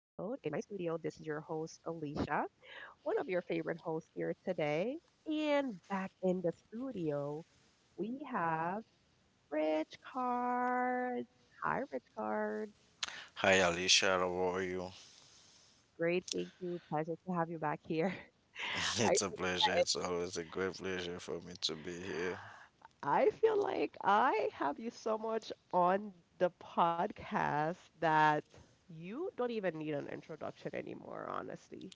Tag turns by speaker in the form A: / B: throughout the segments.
A: in my studio. This is your host, Alicia, one of your favorite hosts here today. And back in the studio, we have Rich Card. Hi, Rich Card.
B: Hi Alicia, how are you?
A: Great. Thank you. Pleasure to have you back here. I
B: It's a pleasure. It's always a great pleasure for me to be here.
A: I feel like I have you so much on the podcast that you don't even need an introduction anymore, honestly.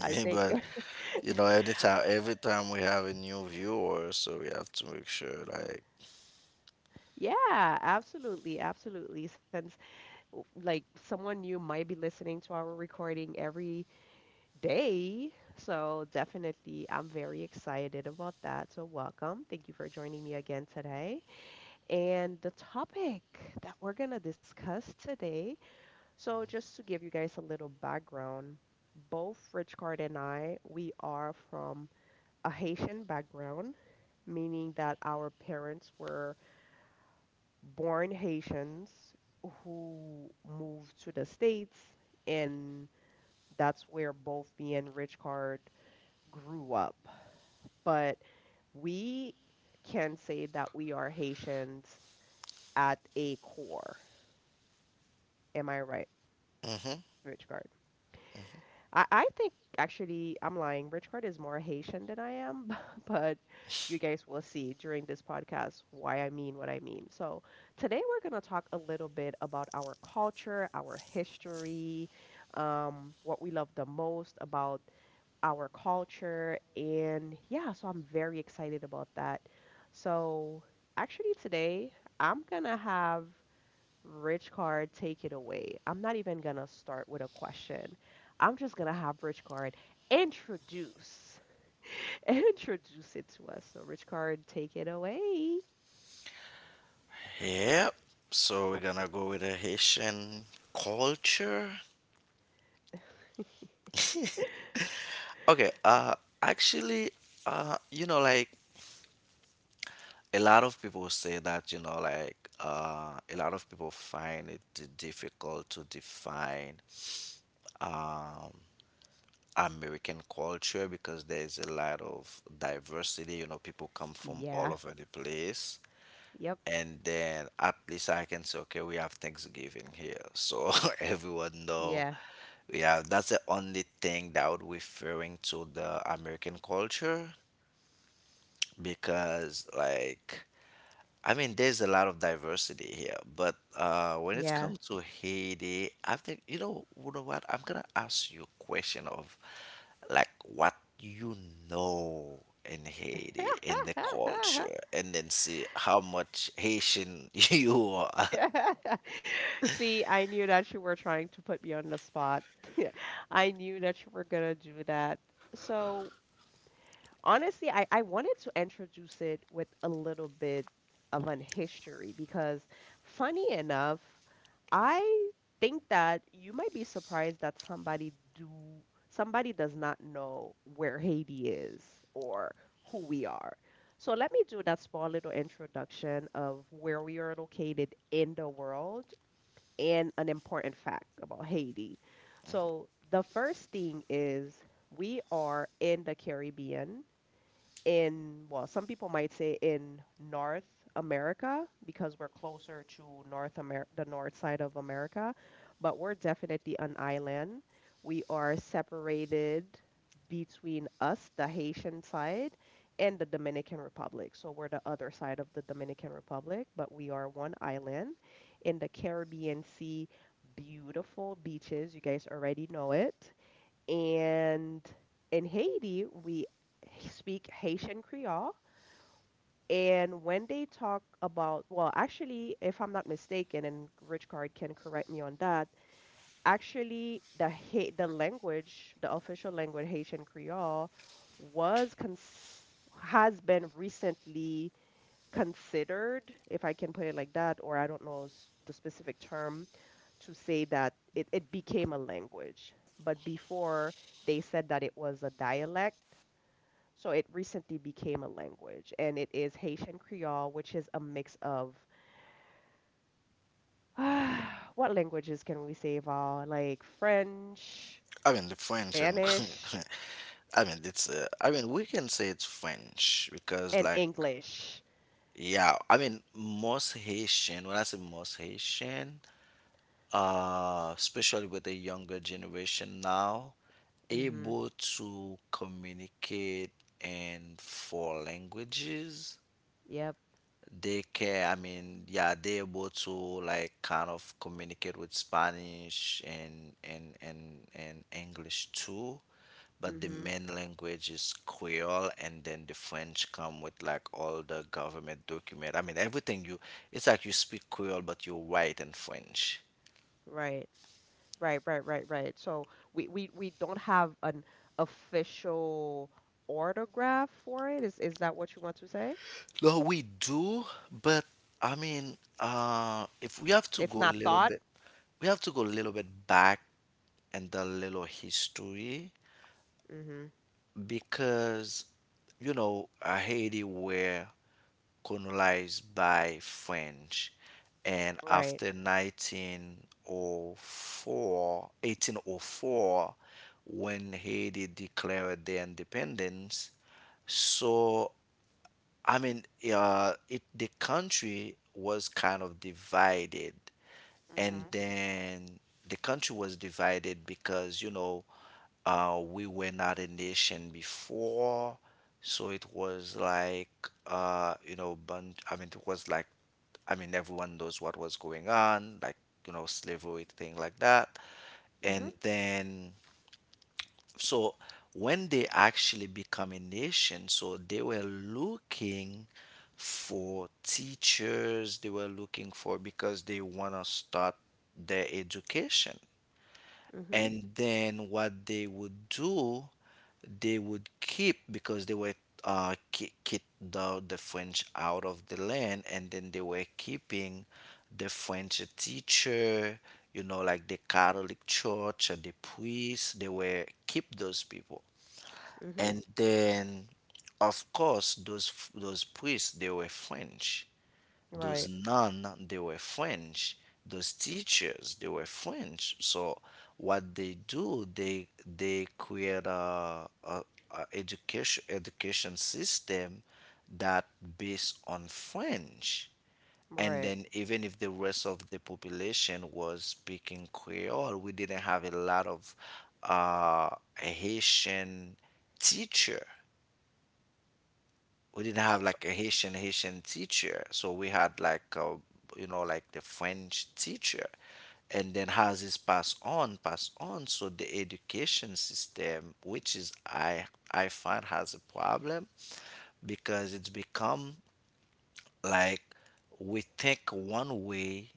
A: I think.
B: But anytime, every time we have a new viewer, so we have to make sure, like,
A: Yeah, absolutely, absolutely. Like someone new might be listening to our recording every day, so definitely I'm very excited about that. So welcome. Thank you for joining me again today. And the topic that we're gonna discuss today, so just to give you guys a little background, both Rich Card and I, we are from a Haitian background, meaning that our parents were born Haitians who moved to the States, and that's where both me and Richcard grew up. But we can say that we are Haitians at a core. Am I right,
B: hmm
A: Richcard? I think actually I'm lying. Richard is more Haitian than I am, but you guys will see during this podcast why I mean what I mean. So today we're going to talk a little bit about our culture, our history, what we love the most about our culture, and yeah, so I'm very excited about that. So actually today I'm gonna have Rich card, take it away. I'm not even gonna start with a question. I'm just gonna have Rich card introduce introduce it to us. So Rich card, take it away.
B: yep. So we're gonna go with a Haitian culture. Okay. Actually, like a lot of people say that, a lot of people find it difficult to define. Um, American culture because there is a lot of diversity. People come from all
A: Yeah.
B: over the place.
A: Yep.
B: And then at least I can say, okay, we have Thanksgiving here. So everyone know
A: Yeah.
B: we have that's the only thing that would referring to the American culture because like I mean, there's a lot of diversity here, but when it
A: Yeah.
B: comes to Haiti, I think you know what? I'm gonna ask you a question of like what you know in Haiti, in the culture, and then see how much Haitian you are.
A: See, I knew that you were trying to put me on the spot. I knew that you were gonna do that. So honestly, I wanted to introduce it with a little bit of an history because, funny enough, I think that you might be surprised that somebody does not know where Haiti is or who we are. So let me do that small little introduction of where we are located in the world and an important fact about Haiti. So the first thing is we are in the Caribbean in, well, some people might say in North America because we're closer to North Amer the north side of America, but we're definitely an island. We are separated between us, the Haitian side, and the Dominican Republic. So we're the other side of the Dominican Republic, but we are one island in the Caribbean Sea, beautiful beaches. You guys already know it. And in Haiti, we speak Haitian Creole. And when they talk about, well, actually, if I'm not mistaken, and Rich Card can correct me on that, actually, the language, the official language, Haitian Creole, was cons has been recently considered, if I can put it like that, or I don't know the specific term, to say that it became a language. But before they said that it was a dialect, so it recently became a language. And it is Haitian Creole, which is a mix of what languages can we say, Val? Like French,
B: I mean, the French and
A: Spanish,
B: I mean, it's I mean, we can say it's French because
A: and
B: like
A: English.
B: yeah, I mean, most Haitian. When I say most Haitian. Especially with the younger generation now,
A: Mm-hmm.
B: able to communicate in 4 languages.
A: Yep.
B: They can, I mean, yeah, they're able to like kind of communicate with Spanish and English too, but the
A: Mm-hmm.
B: main language is Creole, and then the French come with like all the government document. I mean, everything you, it's like you speak Creole, but you write in French.
A: Right. Right. So we don't have an official orthograph for it. Is that what you want to say?
B: No, we do, but I mean, if we have to
A: It's
B: go a
A: not
B: little
A: thought?
B: bit, we have to go a little bit back and a little history
A: Mhm.
B: because, Haiti were colonized by French, and
A: Right.
B: after 1904, 1804, when Haiti declared their independence, so I mean, it the country was kind of divided, and
A: Mhm.
B: then the country was divided because we were not a nation before, so it was like bunch. I mean, it was like, I mean, everyone knows what was going on, like slavery thing like that,
A: Mhm.
B: and then so when they actually become a nation, so they were looking for teachers, they were looking for because they want to start their education.
A: Mhm.
B: And then what they would do, they would keep because they were kick the French out of the land, and then they were keeping the French teacher, like the Catholic Church and the priests. They were keep those people.
A: Mhm.
B: And then, of course, those priests they were French. Those
A: Right.
B: nuns they were French. Those teachers they were French. So what they do, they create a education system that based on French. And
A: Right.
B: then even if the rest of the population was speaking Creole, we didn't have a lot of uh, Haitian teacher we didn't have like a Haitian teacher, so we had like like the French teacher, and then has this pass on, pass on. So the education system, which is I find has a problem, because it's become like we think one way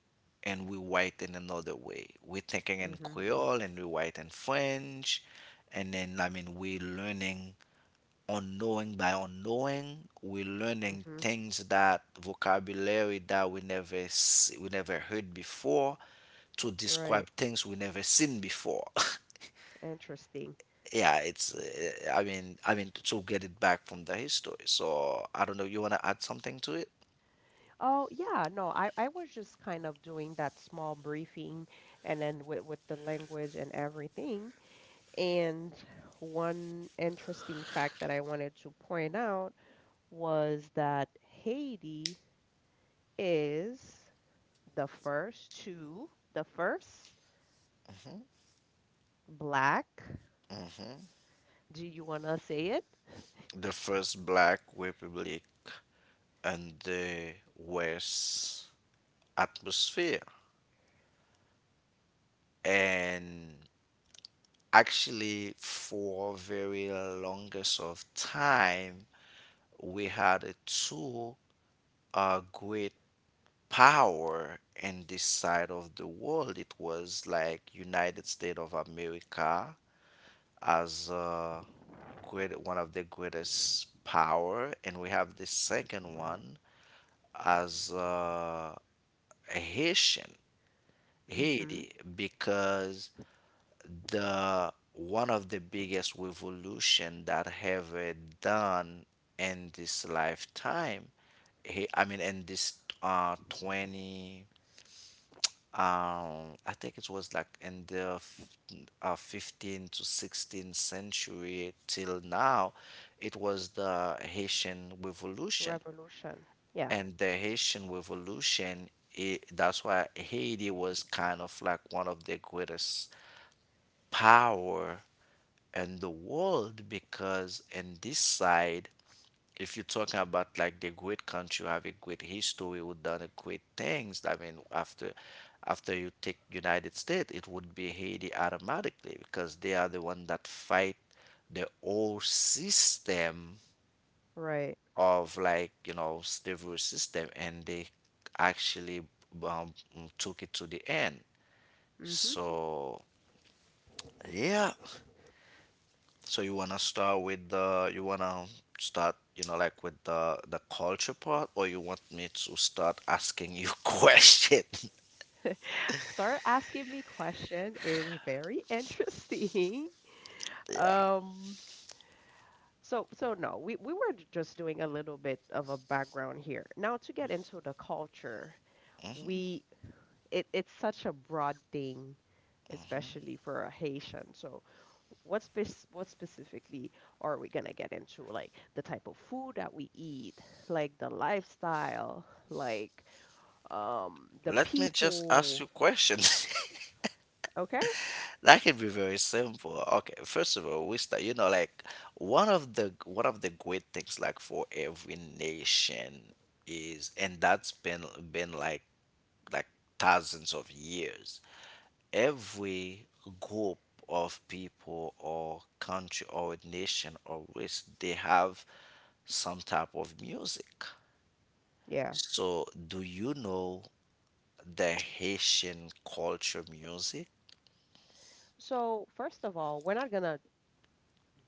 B: and we write in another way. We're thinking in
A: Mhm.
B: Creole and we write in French, and then I mean we're learning unknowing by unknowing we're learning
A: Mhm.
B: things that vocabulary that we never heard before to describe
A: Right.
B: things we never seen before.
A: Interesting.
B: Yeah, it's I mean to get it back from the history, so I don't know, you want to add something to it?
A: Oh, yeah, no, I was just kind of doing that small briefing and then with the language and everything. And one interesting fact that I wanted to point out was that Haiti is the first black,
B: hmm
A: do you want to say it?
B: the first black republic and the west atmosphere. And actually for very longest of time we had a two great power in this side of the world. It was like United States of America as great one of the greatest power, and we have the second one as Haitian
A: Mm-hmm.
B: Haiti because the one of the biggest revolution that have done in this lifetime, he I mean in this 20, I think it was like in the 15 to 16th century till now, it was the haitian revolution.
A: Revolution. Yeah,
B: And the haitian revolution, it, that's why haiti was kind of like one of the greatest power and the world because in this side, if you're talking about like the great country who have a great history who done a great things, I mean after you take united states, it would be haiti automatically because they are the one that fight the old system
A: right.
B: of like slavery system, and they actually um, took it to the end.
A: Mm-hmm.
B: So yeah, so you wanna start with the you wanna start you know like with the culture part, or you want me to start asking you questions?
A: Start asking me question is very interesting.
B: Yeah,
A: Um, so no, we were just doing a little bit of a background here. Now to get into the culture, we it it's such a broad thing, especially for a Haitian. So what specifically are we gonna get into? Like the type of food that we eat, like the lifestyle, like the
B: let me just ask you
A: people.
B: questions.
A: Okay?
B: That can be very simple. Okay, first of all, we start. Like one of the great things like for every nation is, and that's been like thousands of years, every group of people or country or nation or race they have some type of music.
A: Yeah.
B: So do you know the haitian culture music?
A: So, first of all, we're not going to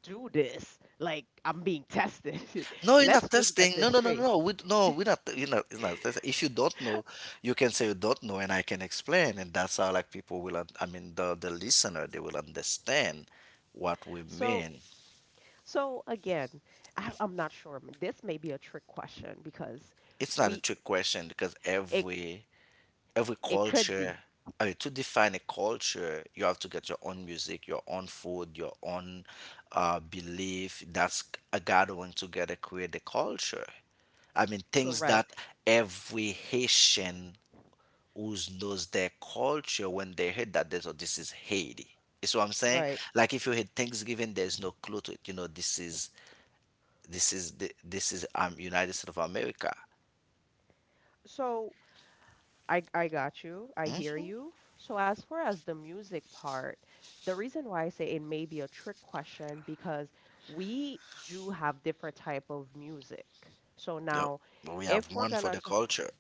A: do this like I'm being tested.
B: No, you're not
A: Let's just
B: testing,
A: get
B: no
A: this
B: no no
A: straight.
B: no, we no we're not you're not, it's not testing. If you don't know, you can say you don't know and I can explain, and that's how like people will I mean the listener they will understand what we
A: So,
B: mean.
A: so again, I'm not sure. This may be a trick question because
B: It's not a
A: we
B: trick question because
A: it
B: every
A: it could
B: culture,
A: be
B: I mean, to define a culture, you have to get your own music, your own food, your own belief. That's a gathering together, create the culture. I mean, things that
A: correct,
B: every Haitian who knows their culture, when they heard that, they thought this is Haiti. You see what I'm saying?
A: right?
B: Like if you had Thanksgiving, there's no clue to it. This is this is United States of America.
A: So I got you. I hear you. So as far as the music part, the reason why I say it may be a trick question because we do have different type of music. So
B: No,
A: now,
B: we have
A: if we're
B: one for
A: gonna,
B: the
A: t-
B: culture.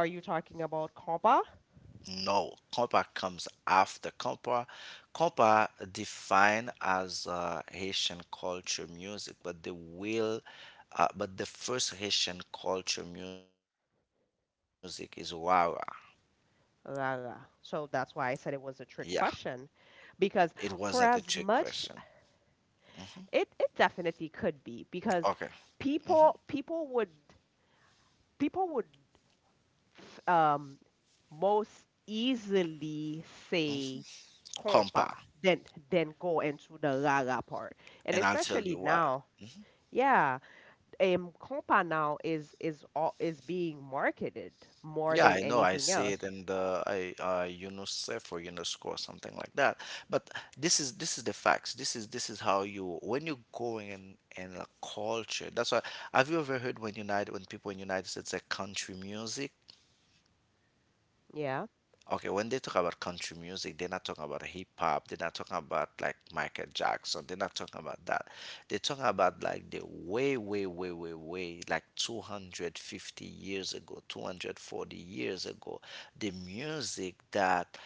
A: are you talking about compa?
B: No, compa comes after. Compa defined as Haitian culture music, but but the first Haitian culture music is Wawa.
A: La la. So that's why I said it was a
B: Yeah,
A: trick question, because
B: it
A: for
B: wasn't a
A: as
B: trick
A: much
B: question.
A: it it definitely could be because
B: Okay. hmm
A: people people would f- um, most easily say
B: Compa,
A: compa than than go into the rara part. And
B: and I'll tell
A: especially
B: you why.
A: now, yeah, compa now is is being marketed more
B: Yeah,
A: than
B: I know. I
A: anything
B: see it
A: else.
B: in the I UNICEF or UNESCO or something like that. But this is the facts. This is how you're going in a culture. That's why. Have you ever heard when people in United States say country music?
A: Yeah.
B: Okay, when they talk about country music, they're not talking about hip hop. They're not talking about like Michael Jackson. They're not talking about that. They're talking about like the way, way, way, way, way, like 250 years ago, 240 years ago, the music that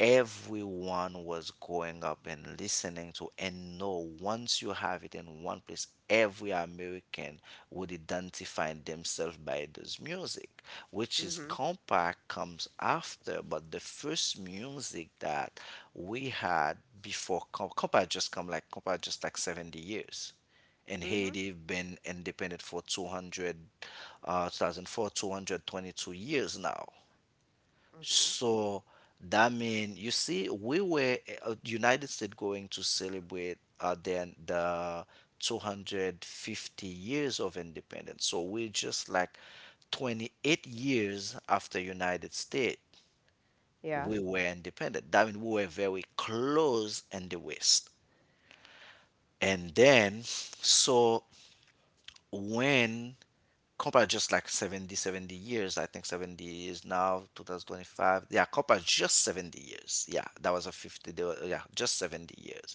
B: everyone was going up and listening to, and know once you have it in one place every american would identify themselves by this music, which is
A: Mhm.
B: compact comes after, but the first music that we had before compact, just come like compact just like 70 years, and
A: Mhm.
B: haiti been independent for 200 2004 222 years now.
A: Mhm.
B: So that mean, you see, we were United States going to celebrate then the 250 years of independence. So we're just like 28 years after United States
A: Yeah.
B: we were independent. That mean we were very close in the West. And then so when Copa just like seventy years. I think 70 years now, 2025. Yeah, Copa just 70 years. Yeah, that was a 50, they were, yeah, just 70 years.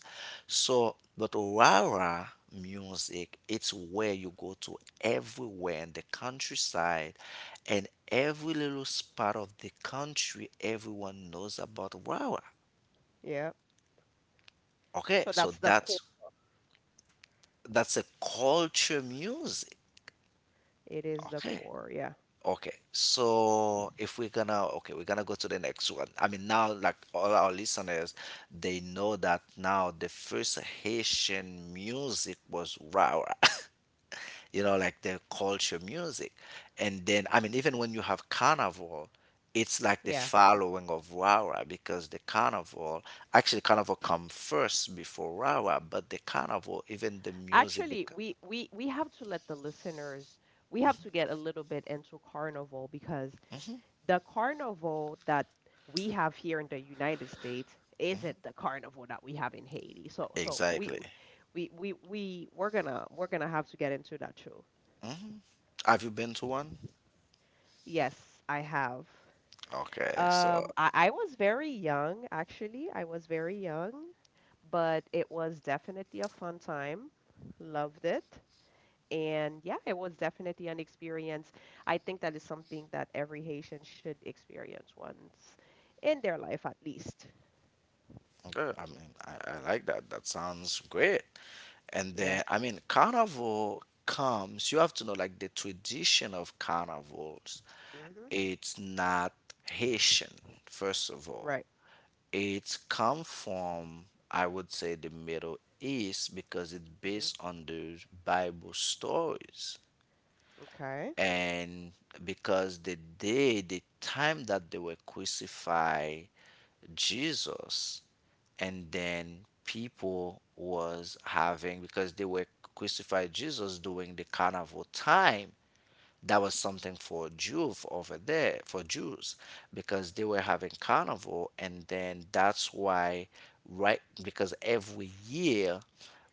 B: So, but Rara music, it's where you go to everywhere in the countryside and every little spot of the country, everyone knows about Rara.
A: Yeah.
B: Okay,
A: So
B: so
A: that's the core.
B: that's a culture music.
A: It is the
B: Okay.
A: core. Yeah.
B: Okay, so if we're gonna, okay, we're gonna go to the next one. I mean, now, like all our listeners, they know that now the first Haitian music was rara, like the culture music. And then, I mean, even when you have carnival, it's like the
A: Yeah.
B: following of rara because the carnival, actually, carnival come first before rara, but the carnival, even the music, the,
A: Actually,
B: ca-
A: we have to let the listeners, we have to get a little bit into carnival because the carnival that we have here in the United States isn't the carnival that we have in Haiti. So so we
B: Exactly.
A: we we we we're gonna, we're gonna have to get into that too.
B: hmm Have you been to one?
A: Yes, I have.
B: Okay, so.
A: I was very young actually. I was very young, but it was definitely a fun time. Loved it. And yeah, it was definitely an experience. I think that is something that every Haitian should experience once in their life at least.
B: Okay, I mean, I like that. That sounds great. And
A: Yeah.
B: then, I mean, carnival comes, you have to know, like, the tradition of carnivals,
A: Mm-hmm.
B: it's not Haitian, first of all.
A: Right.
B: It's come from, I would say, the Middle East because it's
A: Mm-hmm.
B: based on the Bible stories.
A: Okay.
B: And because the day, the time that they were crucified Jesus, and then people was having because they were crucified Jesus during the carnival time, that was something for over there for Jews because they were having carnival, and then that's why, right, because every year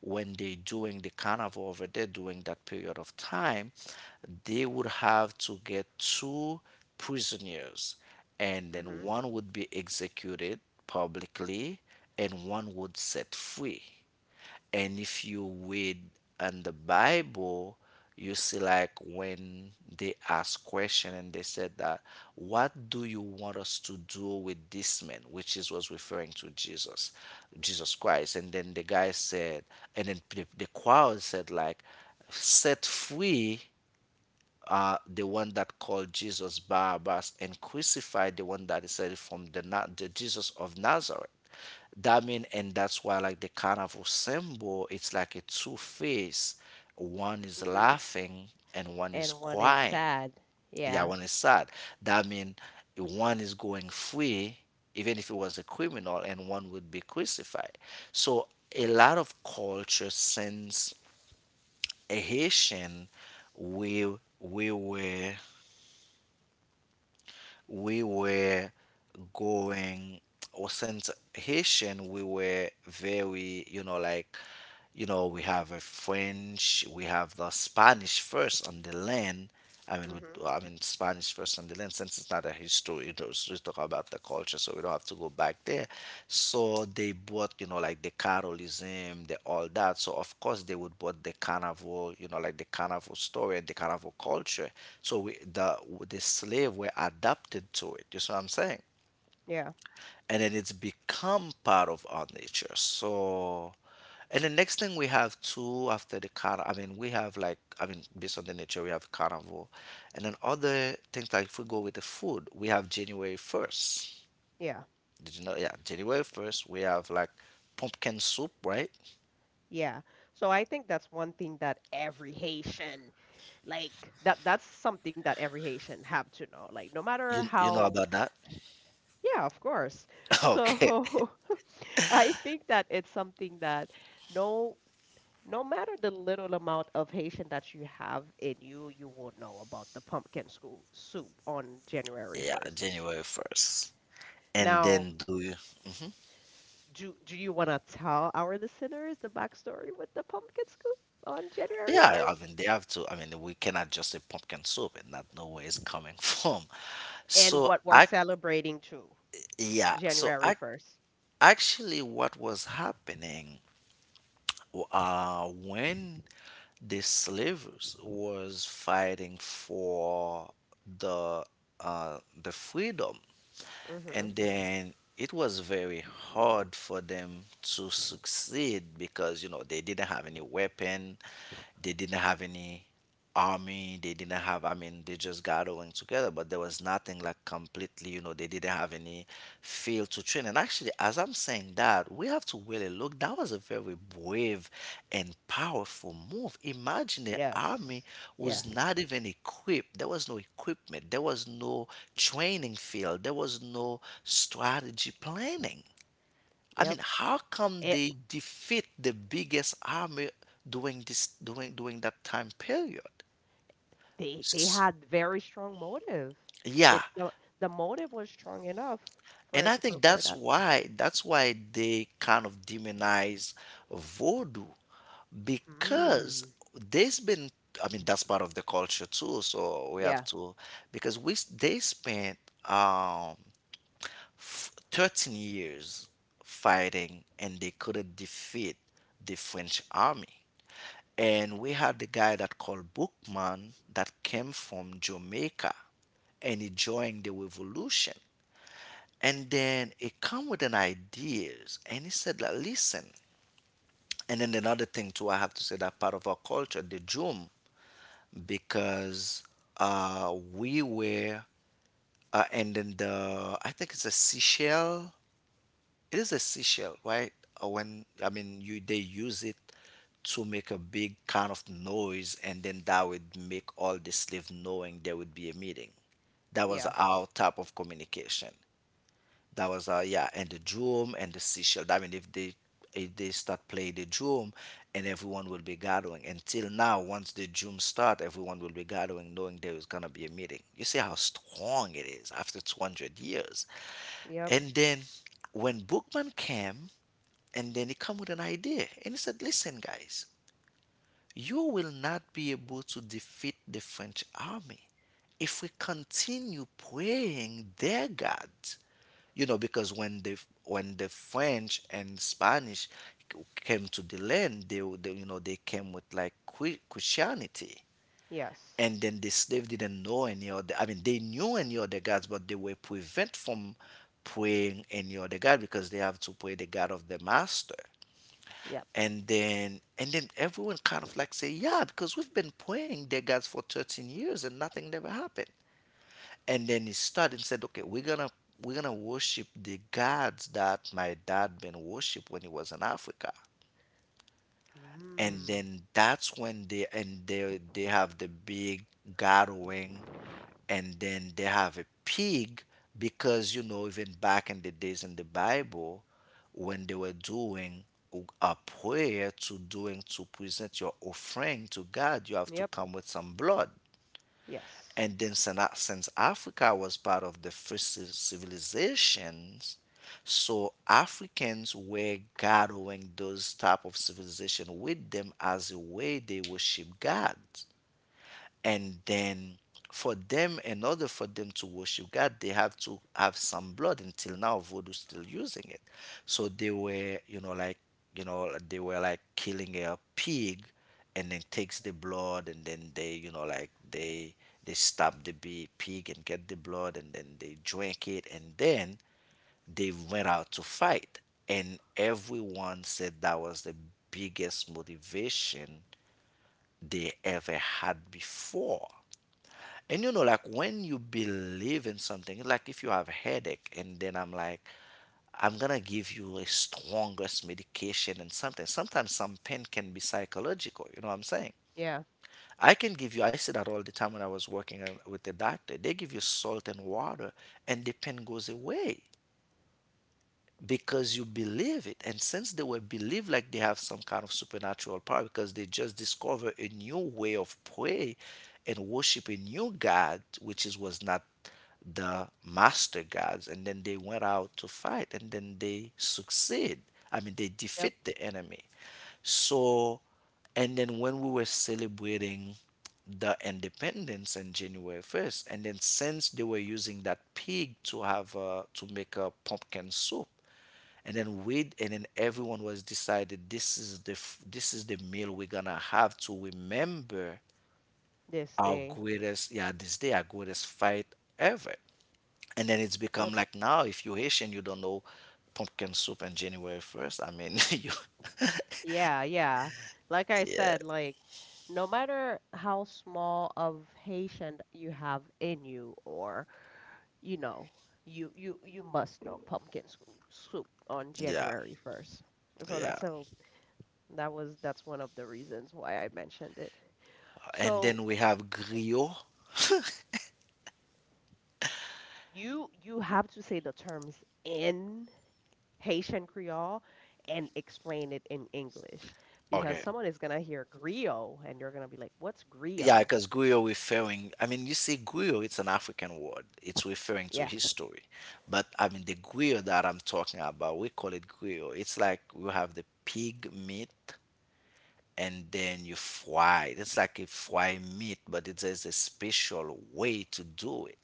B: when they're doing the carnival over there during that period of time, they would have to get two prisoners, and then
A: Mm-hmm.
B: one would be executed publicly and one would set free. And if you read in the Bible, you see like when they ask question and they said that, what do you want us to do with this man? Which is was referring to Jesus, Jesus Christ. And then the guy said, and then the crowd said like, set free the one that called Jesus Barabbas, and crucified the one that is said from the Jesus of Nazareth. That mean, and that's why like the carnival symbol, it's like a two face. One is
A: Mm-hmm.
B: laughing and one is
A: And one is
B: crying.
A: sad.
B: Yeah,
A: Yeah.
B: one is sad. That mean one is going free, even if it was a criminal, and one would be crucified. So a lot of culture, since Haitian, we we were were going, or since Haitian, we were very, we have a French, we have the Spanish first on the land. I mean,
A: Mm-hmm.
B: I mean, Spanish first on the land, since it's not a history, was just talking about the culture, so we don't have to go back there. So they bought, you know, like the Carolism, the all that. So of course they would bought the carnival, you know, like the carnival story and the carnival culture. So we, the slave were adapted to it. You see what I'm saying?
A: Yeah.
B: And then it's become part of our nature. So and the next thing we have too after the carnival, I mean, we have like, I mean, based on the nature, we have carnival. And then other things, like if we go with the food, we have January 1st.
A: Yeah.
B: Did you know? Yeah, January 1st, we have like pumpkin soup, right?
A: Yeah. So I think that's one thing that every Haitian, like that, that's something that every Haitian have to know. Like, no matter
B: You know
A: how.
B: about that?
A: Yeah, of course.
B: Okay.
A: So I think that it's something that no, no matter the little amount of Haitian that you have in you, you will know about the pumpkin school soup on January
B: Yeah,
A: 1st.
B: January 1st. And
A: Now,
B: then do you? hmm
A: do do you want to tell our listeners the backstory with the pumpkin scoop on January
B: Yeah, I
A: 1st
B: mean, they have to. I mean, we cannot just say pumpkin soup and not know where it's coming from.
A: and
B: So,
A: what we're
B: I,
A: celebrating too,
B: yeah, so
A: January
B: I
A: 1st?
B: actually, what was happening when the slavers was fighting for the the freedom,
A: Mm-hmm.
B: and then it was very hard for them to succeed because you know they didn't have any weapon, they didn't have any army, they didn't have, I mean, they just gathering together, but there was nothing like completely, you know, they didn't have any to train. And actually, as I'm saying that, we have to really look. That was a very brave and powerful move. Imagine the army
A: Yes.
B: was
A: Yes.
B: not even equipped. There was no equipment. There was no training field. There was no strategy planning. I mean,
A: Yep.
B: how come
A: It,
B: they defeat the biggest army during this during during that time period?
A: they
B: S-
A: had very strong motive.
B: yeah,
A: It the motive was strong enough for
B: and
A: it,
B: I think
A: for
B: that's
A: that.
B: why that's why they kind of demonize voodoo because
A: Hmm.
B: there's been, I mean, that's part of the culture too, so we have
A: Yeah.
B: to, because they spent um 13 years fighting and they couldn't defeat the French army. And we had the guy that called Bookman that came from Jamaica, and he joined the revolution, and then it come with an ideas, and he said like, listen. And then another thing too, I have to say that part of our culture, the joom, because we were and then the, I think it's a seashell. It is a seashell, right? When I mean you they use it to make a big kind of noise, and then that would make all the slaves knowing there would be a meeting. That was
A: Yes.
B: our type of communication. That was yeah, and the drum and the seashell. I mean, if they, if they start playing the drum, and everyone will be gathering. Until now, once the drum start, everyone will be gathering, knowing there is gonna be a meeting. You see how strong it is after 200 years.
A: Yep.
B: And then when Bookman came, and then he come with an idea, and he said, "Listen, guys, you will not be able to defeat the French army if we continue praying their gods." You know, because when the, when the French and Spanish came to the land, they, they, you know, they came with like Christianity,
A: Yes.
B: and then the slave didn't know any other, I mean, they knew any other gods, but they were prevent from praying any other god because they have to pray the god of the master.
A: Yep.
B: And then everyone kind of like say yeah, because we've been praying their gods for 13 years and nothing never happened. And then he started and said, okay, we're gonna worship the gods that my dad been worship when he was in Africa. And
A: Hmm.
B: then that's when they have the big gathering, and then they have a pig. Because, you know, even back in the days in the Bible, when they were doing a prayer to doing to present your offering to God, you have to
A: Yep.
B: come with some blood.
A: Yes.
B: And then since Africa was part of the first civilizations, so Africans were gathering those type of civilization with them as a way they worship God. And then for them, in order for them to worship god, they have to have some blood. Until now, voodoo still using it. So they were, you know, like, you know, they were like killing a pig, and then takes the blood, and then they, you know, like, they stab the pig and get the blood, and then they drank it, and then they went out to fight. And everyone said that was the biggest motivation they ever had before. And you know, like, when you believe in something, like if you have a headache, and then I'm like, I'm gonna give you a strongest medication and something. Sometimes some pain can be psychological, you know what I'm saying?
A: Yeah.
B: I can give you, I see that all the time when I was working with the doctor. They give you salt and water, and the pain goes away because you believe it. And since they were believed like they have some kind of supernatural power, because they just discover a new way of pray and worship a new God, which is was not the master gods. And then they went out to fight, and then they succeed. I mean, they defeat
A: Yep.
B: the enemy. So, and then when we were celebrating the independence in January 1st, and then since they were using that pig to have to make a pumpkin soup, and then everyone was decided this is this is the meal we're gonna have to remember
A: This
B: our
A: day.
B: greatest, yeah, this day our greatest fight ever. And then it's become like, now if you're Haitian, you don't know pumpkin soup on January 1st. I mean, you,
A: Yeah, yeah. Like I
B: yeah,
A: said, like no matter how small of Haitian you have in you or you know, you must know pumpkin soup on
B: yeah,
A: January 1st. So that,
B: yeah.
A: so that was, that's one of the reasons why I mentioned it.
B: And
A: So
B: then we have griot.
A: you have to say the terms in Haitian Creole and explain it in English because
B: Okay.
A: someone is gonna hear griot and you're gonna be like, "What's
B: Yeah,
A: griot?"
B: because griot referring, I mean, you see, griot, it's an African word. It's referring to
A: Yeah.
B: history. But I mean, the griot that I'm talking about, we call it griot. It's like you have the pig meat, and then you fry it. It's like a fry meat, but there's a special way to do it.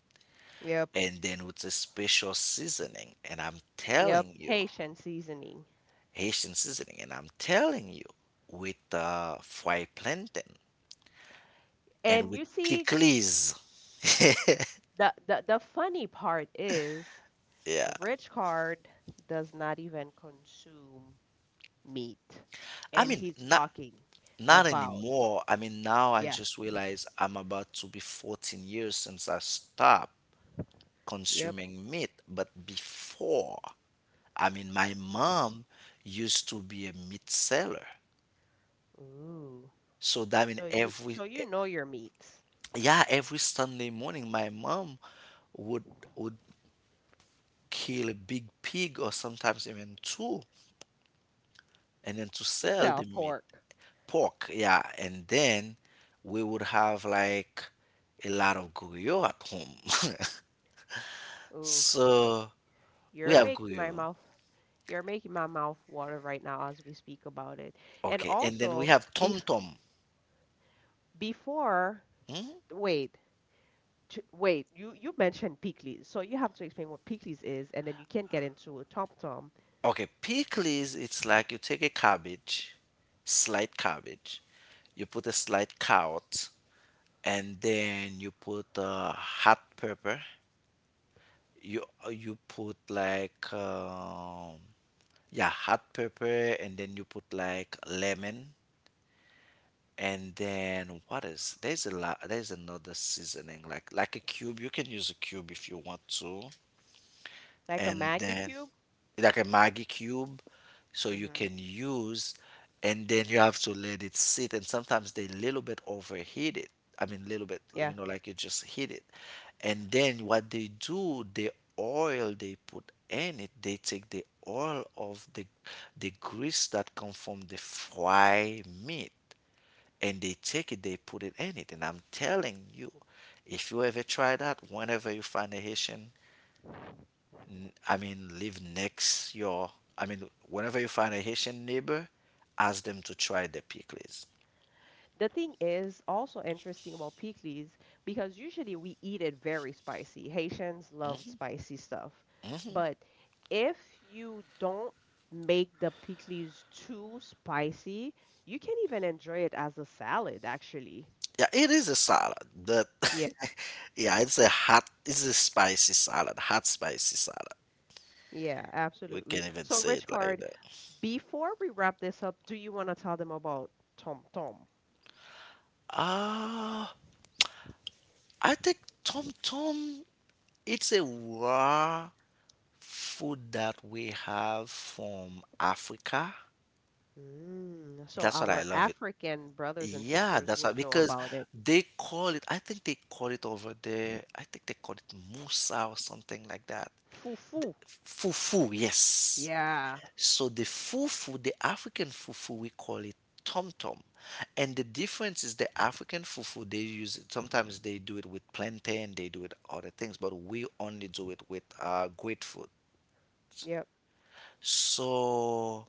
A: Yep.
B: And then with a special seasoning. And I'm
A: Yep,
B: telling you,
A: Haitian seasoning.
B: Haitian seasoning. And I'm telling you, with fried plantain and
A: And
B: with
A: you see,
B: pickles.
A: the the funny part is,
B: Yeah,
A: Rich Card does not even consume meat,
B: I
A: and
B: mean,
A: he's
B: not
A: talking
B: not
A: about.
B: anymore. I mean, now I
A: Yeah,
B: just realize I'm about to be 14 years since I stopped
A: yep.
B: consuming meat. But before, I mean, my mom used to be a meat seller.
A: Ooh,
B: So that mean every,
A: so you know your meats
B: yeah, every Sunday morning, my mom would would kill a big pig, or sometimes even two, and then to
A: to
B: sell the
A: sell
B: meat,
A: pork.
B: pork, yeah. And then we would have like a lot of guyo at home.
A: Oof,
B: So we
A: you're
B: have
A: making my
B: guyo,
A: mouth, you're making my mouth water right now as we speak about it. And
B: okay, and then we
A: also,
B: have
A: bef
B: tom tom.
A: before, wait, to, wait, you mentioned Peekly, so you have to explain what Peekly's is, and then you can get into a Tom Tom,
B: Okay, pickles, it's like you take a cabbage, slight cabbage, you put a slight carrot, and then you put hot pepper, you you put like yeah hot pepper, and then you put like lemon. And then what is, there's a lot, there's another seasoning, like a cube. You can use a cube if you want to.
A: like a
B: And
A: Maggie
B: then
A: cube.
B: like a Maggie cube, so you
A: Hmm.
B: can use. And then you have to let it sit. And sometimes they little bit overheat it. I mean, little bit,
A: Yeah.
B: you know, like you just heat it. And then what they do, the oil they put in it, they take the oil of the grease that come from the fry meat, and they take it, they put it in it. And I'm telling you, if you ever try that, whenever you find a Haitian, I mean, live next your. I mean, whenever you find a Haitian neighbor, ask them to try the pickles.
A: The thing is also interesting about Peekly's because usually we eat it very spicy. Haitians love spicy stuff, but if you don't make the Peekly's too spicy, you can even enjoy it as a salad, actually.
B: Yeah, it is a salad, but
A: Yeah,
B: yeah, it's a hot, it's a spicy salad, hot spicy salad.
A: yeah,
B: We
A: absolutely.
B: can't even
A: So,
B: say
A: Rich
B: it like
A: Card,
B: that.
A: before we wrap this up, do you want to tell them about Tom Tom?
B: Ah, I think Tom Tom. It's a raw food that we have from Africa.
A: Mm, so
B: That's what I
A: our
B: love it.
A: African brothers and
B: Yeah,
A: sisters
B: that's why,
A: would know
B: because
A: about it.
B: they call it, I think they call it over there, I think they call it musa or something like that.
A: Fufu.
B: Fufu, yes.
A: Yeah.
B: So the fufu, the African fufu, we call it tom tom. And the difference is, the African fufu they use it, sometimes they do it with plantain, they do it other things, but we only do it with grapefruit.
A: Yep.
B: So,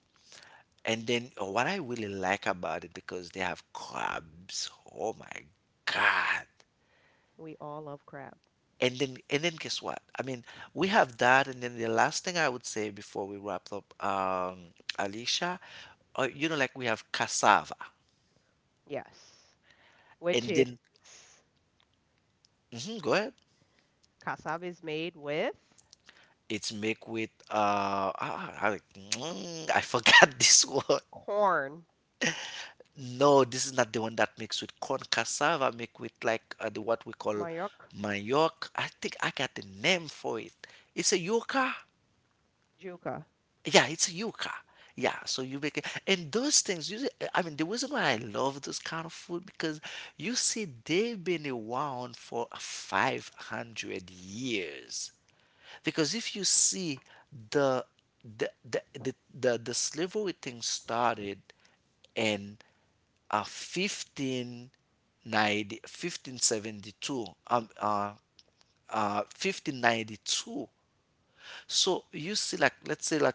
B: and then what I really like about it, because they have crabs. Oh my God.
A: We all love crab.
B: And then guess what? I mean, we have that. And then the last thing I would say before we wrap up, Alicia, you know, like, we have cassava.
A: Yes. Which
B: And
A: is,
B: then, mhm, go ahead.
A: cassava is made with
B: It's made with I forgot this one.
A: corn,
B: No, this is not the one that makes with corn. Cassava, make with like, the, what we call
A: manioc,
B: manioc. I think I got the name for it. It's a yuca.
A: júca.
B: Yeah, it's yuca. Yeah, so you make it, and those things. You, I mean, the reason why I love this kind of food, because you see they've been around for 500 years. Because if you see the the slavery thing started in uh, fifteen fifteen seventy two, um, uh, 1592. So you see, like, let's say, like,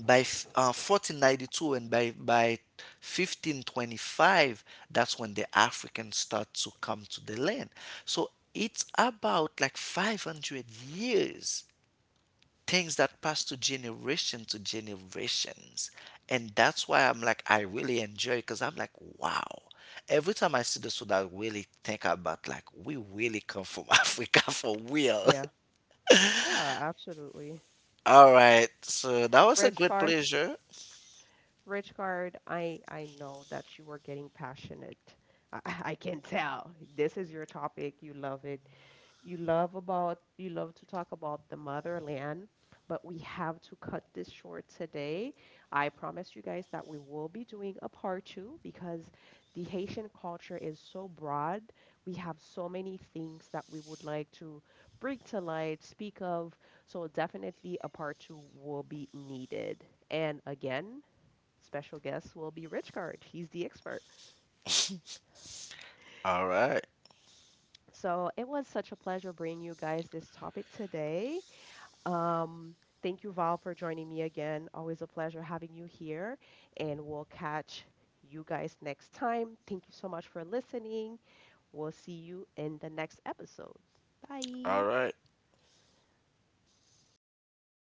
B: 1492, and by 1525, that's when the Africans start to come to the land. So it's about like 500 years, things that pass to generation to generations. And that's why I'm like, I really enjoy, because I'm like, wow, every time I see this story, I really think about like we really come from africa for real.
A: Yeah. Yeah, absolutely.
B: all right, so that was a
A: Rich,
B: great pleasure.
A: Richard, I know that you are getting passionate. I, I can tell. This is your topic. You love it. You love about, you love to talk about the motherland, but we have to cut this short today. I promise you guys that we will be doing a part two because the Haitian culture is so broad. We have so many things that we would like to bring to light, speak of. So definitely a part two will be needed. And again, special guest will be Rich Card. He's the expert.
B: All right.
A: So it was such a pleasure bringing you guys this topic today. Um, thank you, Val, for joining me again. Always a pleasure having you here. And we'll catch you guys next time. Thank you so much for listening. We'll see you in the next episode. Bye.
B: All right.